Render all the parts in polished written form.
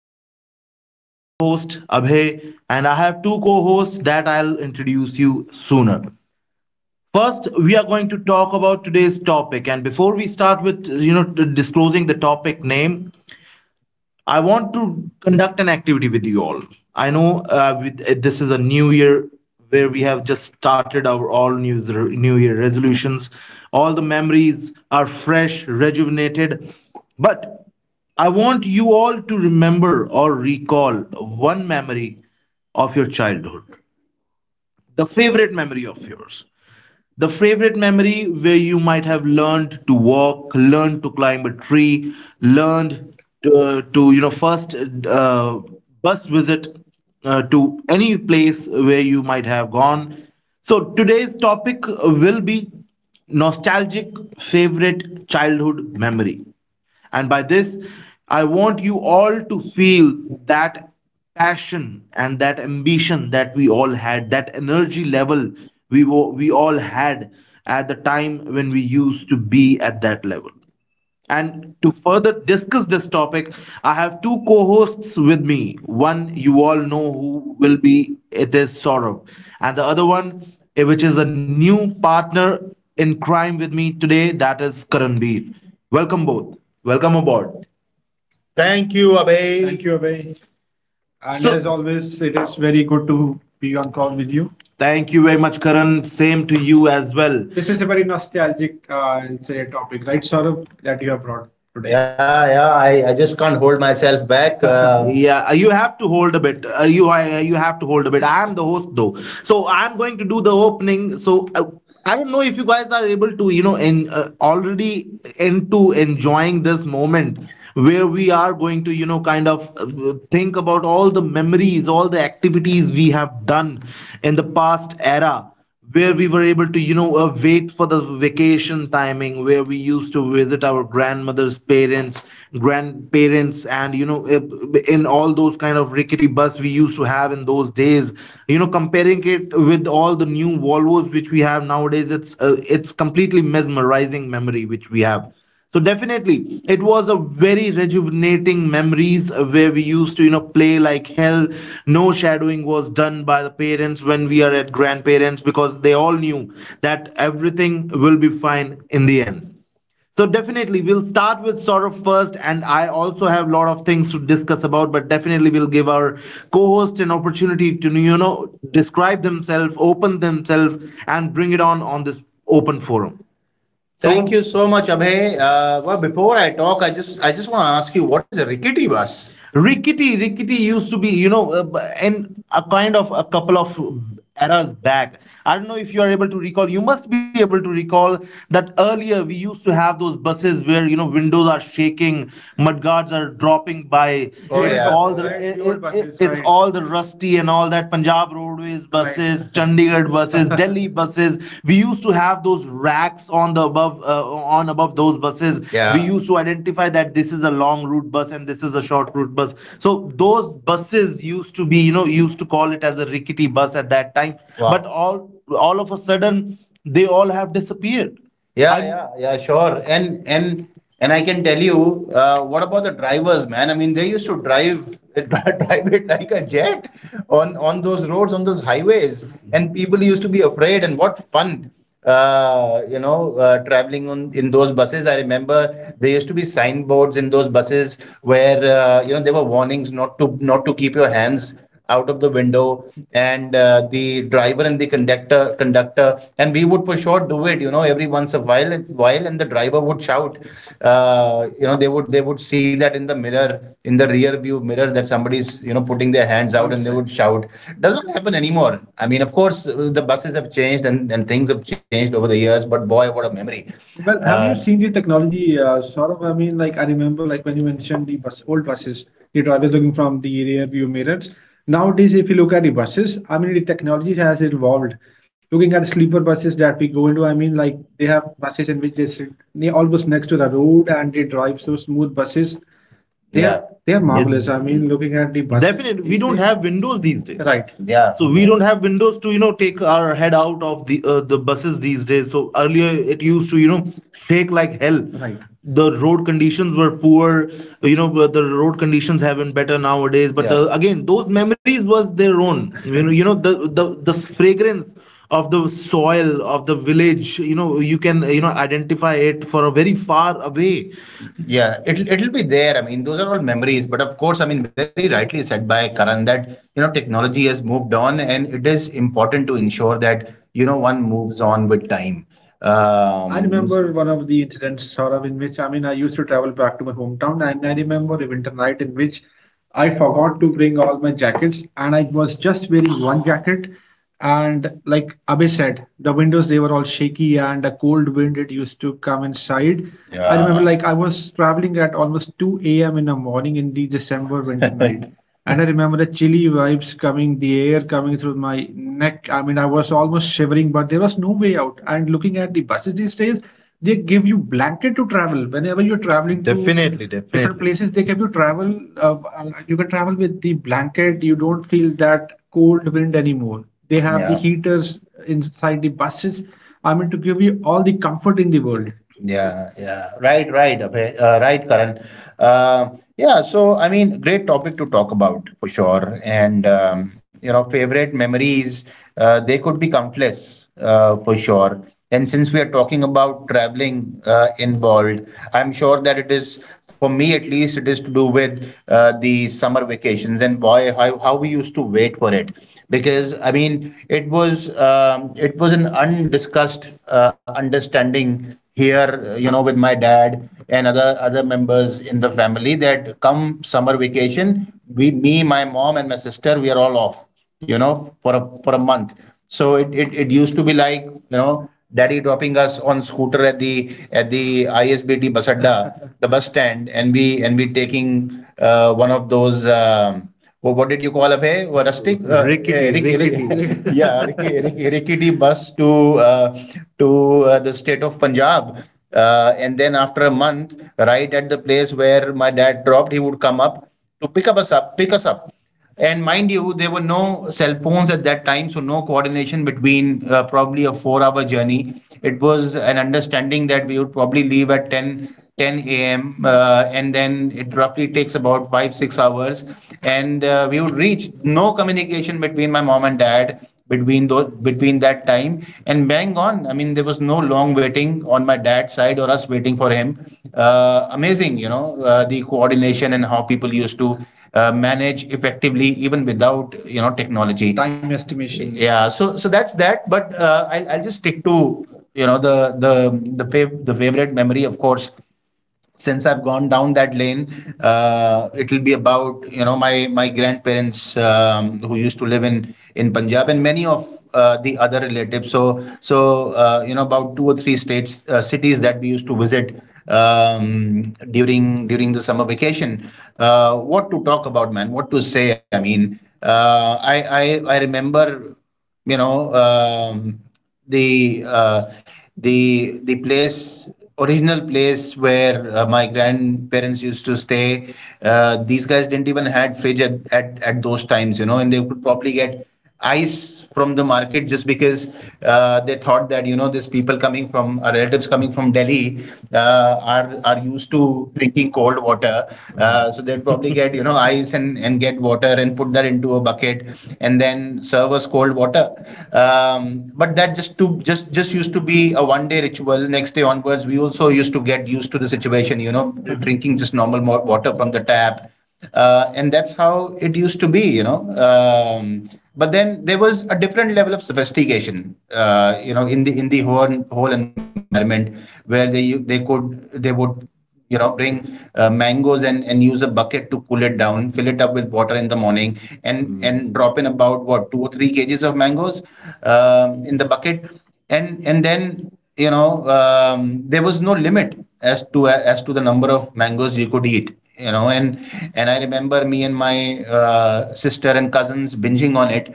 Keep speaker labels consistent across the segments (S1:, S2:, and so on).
S1: podcast. I'm your host, Abhay, and I have two co hosts that I'll introduce you sooner. First, we are going to talk about today's topic. And before we start with, disclosing the topic name, I want to conduct an activity with you all. I know, this is a new year where we have just started our all new year resolutions. All the memories are fresh, rejuvenated. But I want you all to remember or recall one memory of your childhood, the favorite memory of yours. The favorite memory where you might have learned to walk, learned to climb a tree, learned to, first uh, bus visit to any place where you might have gone. So today's topic will be nostalgic favorite childhood memory. And by this, I want you all to feel that passion and that ambition that we all had, that energy level we all had at the time when we used to be at that level. And to further discuss this topic, I have two co hosts with me. One you all know it is Saurav. And the other one, which is a new partner in crime with me today, that is Karanbir. Welcome both. Welcome aboard. Thank you, thank Abhay, you, Abhay. And as always, it is very good to be on call with you. Thank you very much, Karan. Same to you as well. This is a very nostalgic, I'll say, topic, right, Saurabh, that you have brought today. Yeah, yeah. I just can't hold myself back. Yeah, you have to hold a bit. You have to hold a bit. I am the host though, so I am going to do the opening. So I don't know if you guys are able to, you know, and already into enjoying this moment where we are going to, kind of think about all the memories, all the activities we have done in the past era, where we were able to, wait for the vacation timing, where we used to visit our grandmother's parents, grandparents, in all those kind of rickety bus we used to have in those days comparing it with all the new Volvos which we have nowadays. It's completely mesmerizing memory which we have. So definitely it was a very rejuvenating memories, where we used to play like hell. No shadowing was done by the parents when we are at grandparents, because they all knew that everything will be fine in the end. So definitely we'll start with Saurabh first, and I also have a lot of things to discuss about, but definitely we'll give our co-host an opportunity to describe themselves, open themselves, and bring it on this open forum. So thank you so much, Abhay. Well, before I talk, I just want to ask you, what is a rickety bus? Rickety used to be, in a kind of a couple of eras back. I don't know if you are able to recall. You must be able to recall that earlier we used to have those buses where windows are shaking, mudguards are dropping by. Oh, it's, yeah, all the right, buses, it's right, all the rusty and all that Punjab Roadways buses, right, Chandigarh buses, Delhi buses. We used to have those racks on the above, on above those buses. Yeah. We used to identify that this is a long route bus and this is a short route bus. So those buses used to be, used to call it as a rickety bus at that time. Wow. But all of a sudden, they all have disappeared. Yeah, I yeah, yeah, sure. And I can tell you, what about the drivers, man? I mean, they used to drive drive it like a jet on those roads, on those highways, and people used to be afraid. And what fun, traveling on in those buses. I remember there used to be signboards in those buses where there were warnings not to keep your hands out of the window, and the driver and the conductor, and we would for sure do it every once a while, and the driver would shout, they would see that in the mirror, in the rear view mirror, that somebody's putting their hands out, and they would shout. Doesn't happen anymore. I mean, of course, the buses have changed, and things have changed over the years, but boy, what a memory. Well, have you seen the technology, sort of. I mean, like, I remember, like when you mentioned the bus, old buses, the drivers looking from the rear view mirrors. Nowadays, if you look at the buses, I mean, the technology has evolved. Looking at sleeper buses that we go into, I mean, like they have buses in which they sit almost next to the road and they drive so smooth buses. They are marvelous. Yeah. I mean, looking at the bus. Definitely, we don't have windows these days. Right. Yeah. So we, yeah, don't have windows to take our head out of the buses these days. So earlier it used to shake like hell. Right. The road conditions were poor. You know the road conditions have been better nowadays. But yeah, again, those memories was their own. You know the fragrance of the soil of the village. You know you can identify it for a very far away. Yeah, it'll be there. I mean, those are all memories. But of course, I mean, very rightly said by Karan that technology has moved on, and it is important to ensure that one moves on with time. I remember one of the incidents, Saurav, in which, I mean, I used to travel back to my hometown, and I remember a winter night in which I forgot to bring all my jackets and I was just wearing one jacket. And like Abhay said, the windows they were all shaky and a cold wind it used to come inside. I, yeah, remember, yeah, like I was traveling at almost 2 a.m. in the morning in the December winter night. And I remember the chilly vibes coming, the air coming through my neck. I mean, I was almost shivering, but there was no way out. And looking at the buses these days, they give you blanket to travel. Whenever you're traveling to, definitely, different, definitely, places, they give you travel. You can travel with the blanket. You don't feel that cold wind anymore. They have the, yeah, heaters inside the buses. I mean, to give you all the comfort in the world. Yeah, yeah, right, right, Abhay, right, Karan. Uh, yeah, so I mean, great topic to talk about for sure. And favorite memories, they could be countless, for sure. And since we are talking about traveling involved, I'm sure that it is, for me at least, it is to do with the summer vacations, and boy, how we used to wait for it. Because I mean, it was an undiscussed, understanding here, with my dad and other members in the family, that come summer vacation, we, me, my mom, and my sister, we are all off, for a month. So it used to be like, daddy dropping us on scooter at the ISBT bus adda, the bus stand, and we taking one of those, what did you call, a rustic, Rickety, rickety. Rick, yeah, rickety, rickety bus to uh, to the state of Punjab, and then after a month, right at the place where my dad dropped, he would come up to pick us up, and mind you, there were no cell phones at that time, so no coordination between, probably a 4-hour journey. It was an understanding that we would probably leave at 10 a.m. And then it roughly takes about 5, 6 hours. And we would reach no communication between my mom and dad between that time, and bang on. I mean, there was no long waiting on my dad's side or us waiting for him. Amazing, you know, the coordination and how people used to manage effectively even without, you know, technology time estimation. Yeah, so that's that. But uh, I'll just stick to, you know, the favorite memory. Of course, since I've gone down that lane, it'll be about, you know, my grandparents, who used to live in Punjab, and many of the other relatives. So you know, about two or three states, cities that we used to visit during during the summer vacation. What to talk about, man? What to say? I mean, I remember, you know, the the place, original place where my grandparents used to stay. These guys didn't even had fridge at at those times, you know, and they would probably get ice from the market just because they thought that, you know, these people coming from our relatives coming from Delhi are used to drinking cold water, so they'd probably get, you know, ice and get water and put that into a bucket and then serve us cold water. But that just to just used to be a one day ritual. Next day onwards, we also used to get used to the situation, you know. Mm-hmm. Drinking just normal water from the tap, and that's how it used to be, you know. But then there was a different level of sophistication. You know, in the whole environment, where they would, you know, bring mangoes and use a bucket to cool it down, fill it up with water in the morning, and Mm. and drop in about, what, 2 or 3 kg of mangoes in the bucket, and then, you know, um, there was no limit as to the number of mangoes you could eat, you know, and I remember me and my sister and cousins binging on it,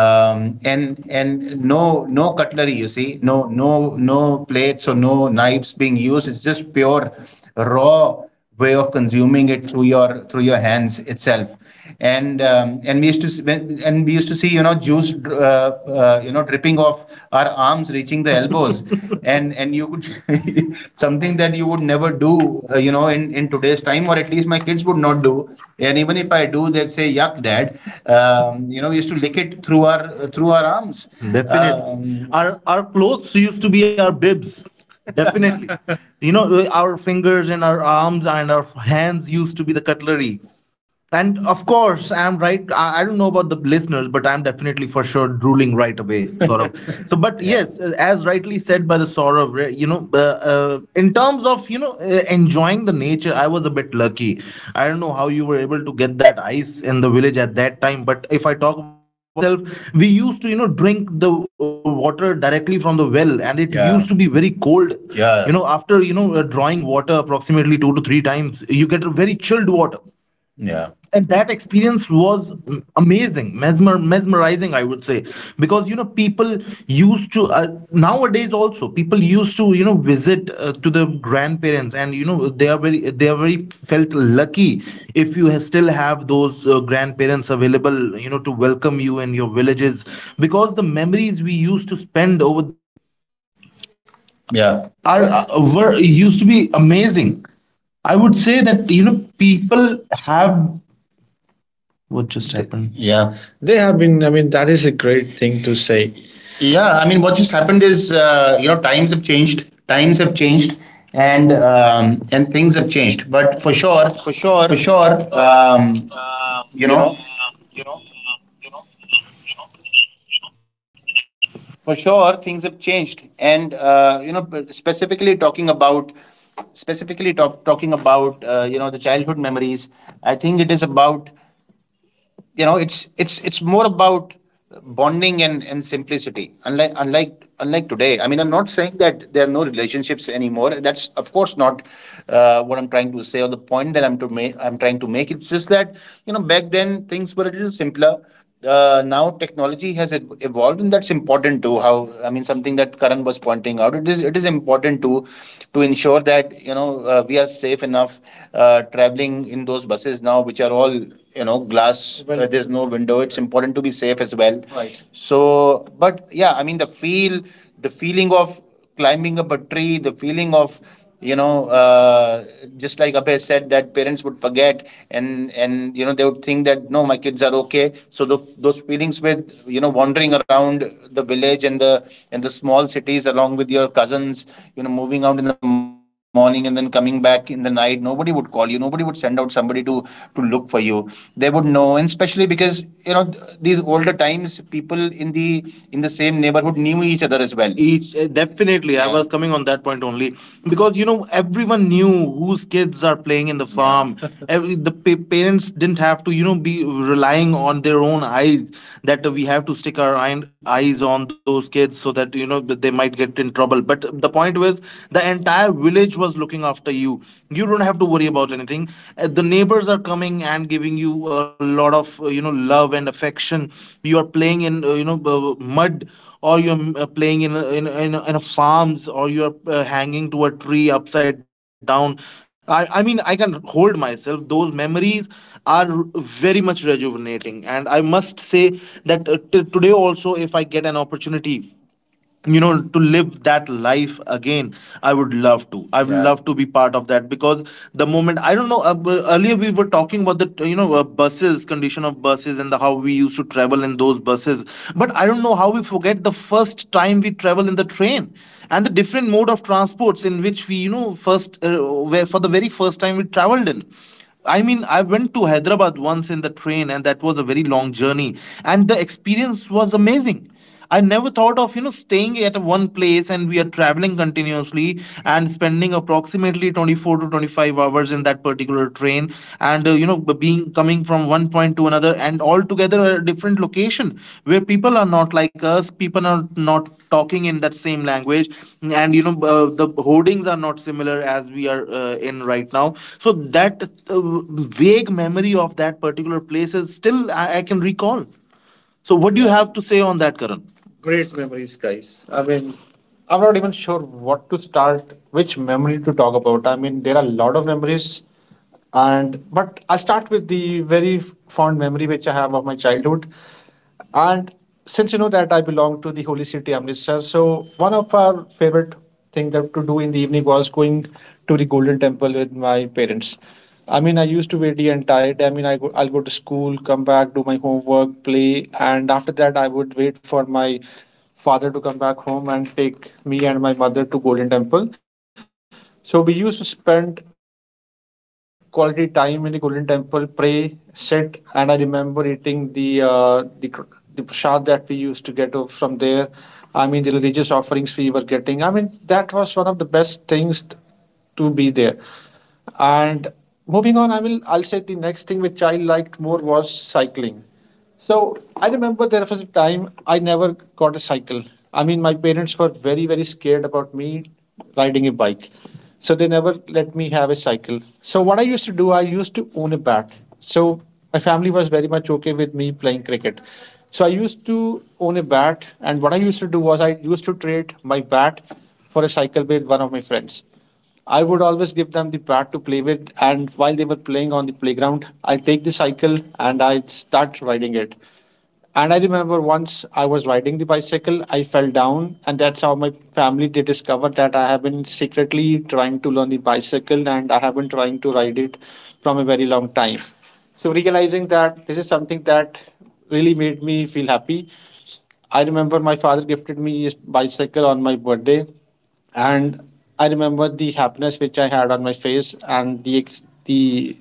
S1: and no cutlery, you see, no plates or no knives being used. It's just pure raw way of consuming it through your hands itself. And and we used to see, when, and we used to see, you know, juice you know, dripping off our arms, reaching the elbows, and you could something that you would never do you know, in today's time, or at least my kids would not do, and even if I do, they'd say, yuck dad. You know, we used to lick it through our arms. Definitely. Our clothes used to be our bibs. Definitely. You know, our fingers and our arms and our hands used to be the cutlery. And of course, I'm right. I don't know about the listeners, but I'm definitely for sure drooling right away, Saurabh. So, but Yeah. yes, as rightly said by the Saurabh, you know, in terms of, you know, enjoying the nature, I was a bit lucky. I don't know how you were able to get that ice in the village at that time, but if I talk about myself, we used to, you know, drink the water directly from the well, and it Yeah. used to be very cold. Yeah. You know, after, you know, drawing water approximately 2 to 3 times, you get a very chilled water. Yeah. And that experience was amazing, mesmerizing, I would say, because, you know, people used to nowadays also people used to, you know, visit to the grandparents, and you know, they are very felt lucky if you still have those grandparents available, you know, to welcome you in your villages, because the memories we
S2: Sure, for sure, um, you know, for sure, things have changed, and specifically talking about, specifically talk, talking about, you know, the childhood memories. I think it is about, you know, it's more about bonding and simplicity. Unlike today. I mean, I'm not saying that there are no relationships anymore. That's of course not what I'm trying to say or the point that I'm trying to make. It's just that, you know, back then things were a little simpler. Uh, now technology has evolved, and that's important too. How i mean something that Karan was pointing out, it is important to ensure that, you know, we are safe enough traveling in those buses now, which are all, you know, glass. Well, there's no window. It's important to be safe as well. Right. So but yeah, I mean, the feeling of climbing up a tree, the feeling of, you know, uh, just like Abhay said, that parents would forget, and you know, they would think that, no, my kids are okay. So those feelings with, you know, wandering around the village and the small cities along with your cousins, you know, moving out in the morning and then coming back in the night. Nobody would call you. Nobody would send out somebody to look for you. They would know, and especially because, you know, these older times, people in the same neighborhood knew each other as well. Each Definitely, yeah. I was coming on that point only because, you know, everyone knew whose kids are playing in the farm. Yeah. The parents didn't have to, you know, be relying on their own eyes that, we have to stick our eyes on those kids so that, you know, that they might get in trouble. But the point was the entire village was looking after you. You don't have to worry about anything. The neighbors are coming and giving you a lot of, love and affection. You are playing in, mud, or you're playing in a, in a farms, or you're hanging to a tree upside down. I mean, I can hold myself. Those memories are very much rejuvenating, and I must say that, today also, if I get an opportunity, you know, to live that life again, I would love to. I would, yeah, love to be part of that, because the moment, I don't know, earlier we were talking about the, buses, condition of buses and how we used to travel in those buses. But I don't know how we forget the first time we travel in the train and the different mode of transports in which we, you know, first where for the very first time we traveled in. I mean, I went to Hyderabad once in the train, and that was a very long journey. And the experience was amazing. I never thought of, you know, staying at one place and we are traveling continuously and spending approximately 24 to 25 hours in that particular train, and, being coming from one point to another, and altogether a different location where people are not like us, people are not talking in that same language, and, the hoardings are not similar as we are in right now. So that uh, vague memory of that particular place is still, I can recall. So what do you have to say on that, Karan? Great memories, guys. I mean, I'm not even sure what to start, which memory to talk about. I mean, there are a lot of memories, and but I'll start with the very fond memory which I have of my childhood. And since you know that I belong to the Holy City Amritsar, so one of our favorite thing that to do in the evening was going to the Golden Temple with my parents. I mean, I used to wait the entire day. I mean, I'll go to school, come back, do my homework, play, and after that, I would wait for my father to come back home and take me and my mother to Golden Temple. So we used to spend quality time in the Golden Temple, pray, sit, and I remember eating the prasad that we used to get from there. I mean, the religious offerings we were getting. I mean, that was one of the best things to be there. And moving on, I'll say the next thing which I liked more was cycling. So I remember there was a time I never got a cycle. I mean, my parents were very scared about me riding a bike. So they never let me have a cycle. So what I used to do, I used to own a bat. So my family was very much okay with me playing cricket. So I used to own a bat, and what I used to do was I used to trade my bat for a cycle with one of my friends. I would always give them the bat to play with, and while they were playing on the playground, I'll take the cycle and I'd start riding it. And I remember once I was riding the bicycle, I fell down, and that's how my family they discovered that I have been secretly trying to learn the bicycle and I have been trying to ride it from a very long time. So realizing that this is something that really made me feel happy, I remember my father gifted me a bicycle on my birthday, and I remember the happiness which I had on my face and the ex-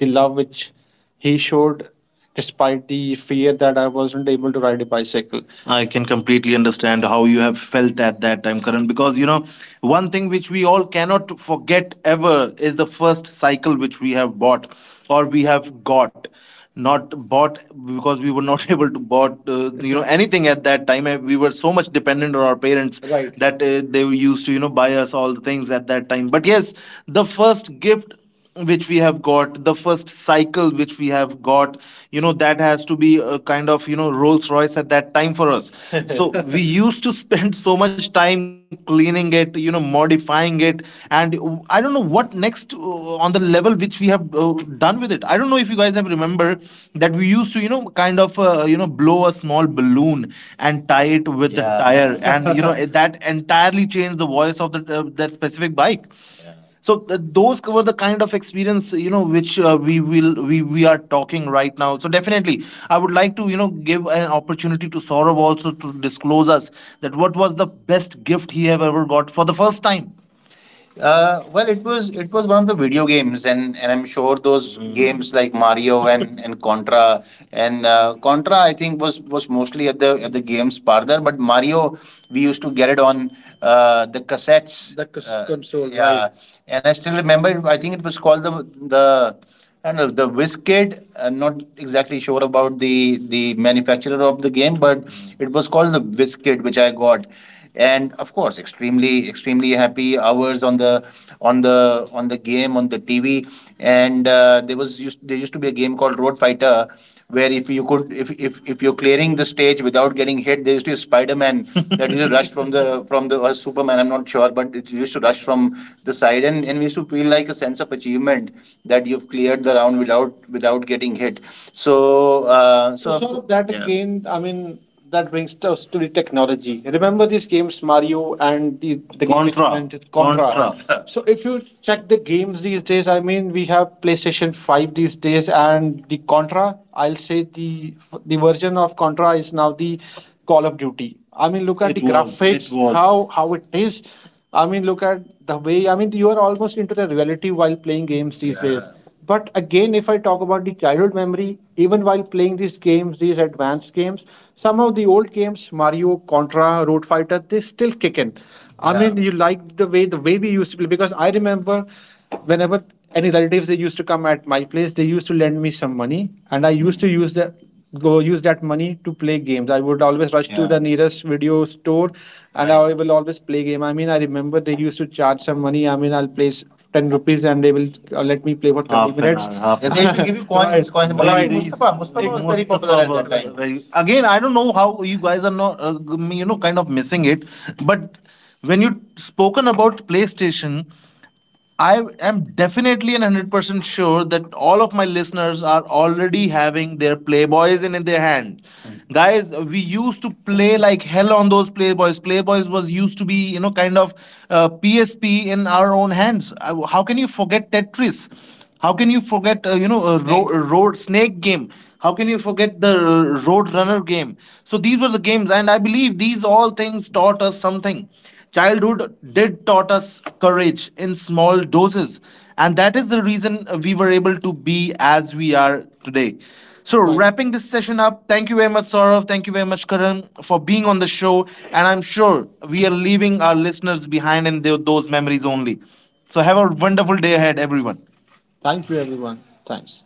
S2: the love which he showed despite the fear that I wasn't able to ride a bicycle. I can completely understand how you have felt at that time, Karan, because, you know, one thing which we all cannot forget ever is the first cycle which we have bought or we have got, not bought, because we were not able to bought, you know, anything at that time. We were so much dependent on our parents. Right. That, they used to, you know, buy us all the things at that time. But yes, the first gift which we have got, the first cycle which we have got, you know, that has to be a kind of, you know, Rolls Royce at that time for us. So we used to spend so much time cleaning it, you know, modifying it, and I don't know what next, on the level which we have done with it. I don't know if you guys have remember that we used to, you know, kind of, blow a small balloon and tie it with, yeah, the, yeah, tire, and you know that entirely changed the voice of the that specific bike. Yeah. So those were the kind of experience, you know, which we are talking right now. So definitely, I would like to, you know, give an opportunity to Saurav also to disclose us that what was the best gift he have ever got for the first time. Well, it was one of the video games, and, I'm sure those, mm, games like Mario and, Contra, and Contra, I think was mostly at the games parlor, but Mario we used to get it on the cassettes. The console, yeah. Right. And I still remember. I think it was called the and the Wizkid. I'm not exactly sure about the manufacturer of the game, but it was called the Wizkid, which I got. And of course, extremely happy hours on the game on the TV. And there used to be a game called Road Fighter, where if you could, if you're clearing the stage without getting hit, there used to be Spider-Man that used to rush from the or Superman, I'm not sure, but it used to rush from the side, and, we used to feel like a sense of achievement that you've cleared the round without getting hit. So so that again, yeah. I mean, that brings us to the technology. Remember these games, Mario and the Contra. Contra. Contra. So if you check the games these days, I mean, we have PlayStation Five these days, and the Contra, I'll say the version of Contra is now the Call of Duty. I mean, look at it. The was, graphics, how it is. I mean, look at the way. I mean, you are almost into the reality while playing games these, yeah, days. But again, if I talk about the childhood memory, even while playing these games, these advanced games, some of the old games, Mario, Contra, Road Fighter, they still kick in. I, yeah, mean, you like the way, we used to play. Because I remember whenever any relatives they used to come at my place, they used to lend me some money, and I used to use that money to play games. I would always rush to, yeah, the nearest video store, and, right, I will always play game. I mean, I remember they used to charge some money. I mean, I'll play 10 rupees and they will, let me play for 20 minutes. Hour, yeah, they should give you coins. Coins. But, like, right, Mustafa, was very popular at that time. Again, I don't know how you guys are not, you know, kind of missing it. But when you spoken about PlayStation, I am definitely and 100% sure that all of my listeners are already having their Playboys in, their hand. Mm. Guys, we used to play like hell on those Playboys. Playboys was used to be, you know, kind of, PSP in our own hands. How can you forget Tetris? How can you forget, Snake. Road snake game? How can you forget the road runner game? So these were the games, and I believe these all things taught us something. Childhood did taught us courage in small doses, and that is the reason we were able to be as we are today. So, right, wrapping this session up, thank you very much, Saurav. Thank you very much, Karan, for being on the show. And I'm sure we are leaving our listeners behind in those memories only. So have a wonderful day ahead, everyone. Thank you, everyone. Thanks.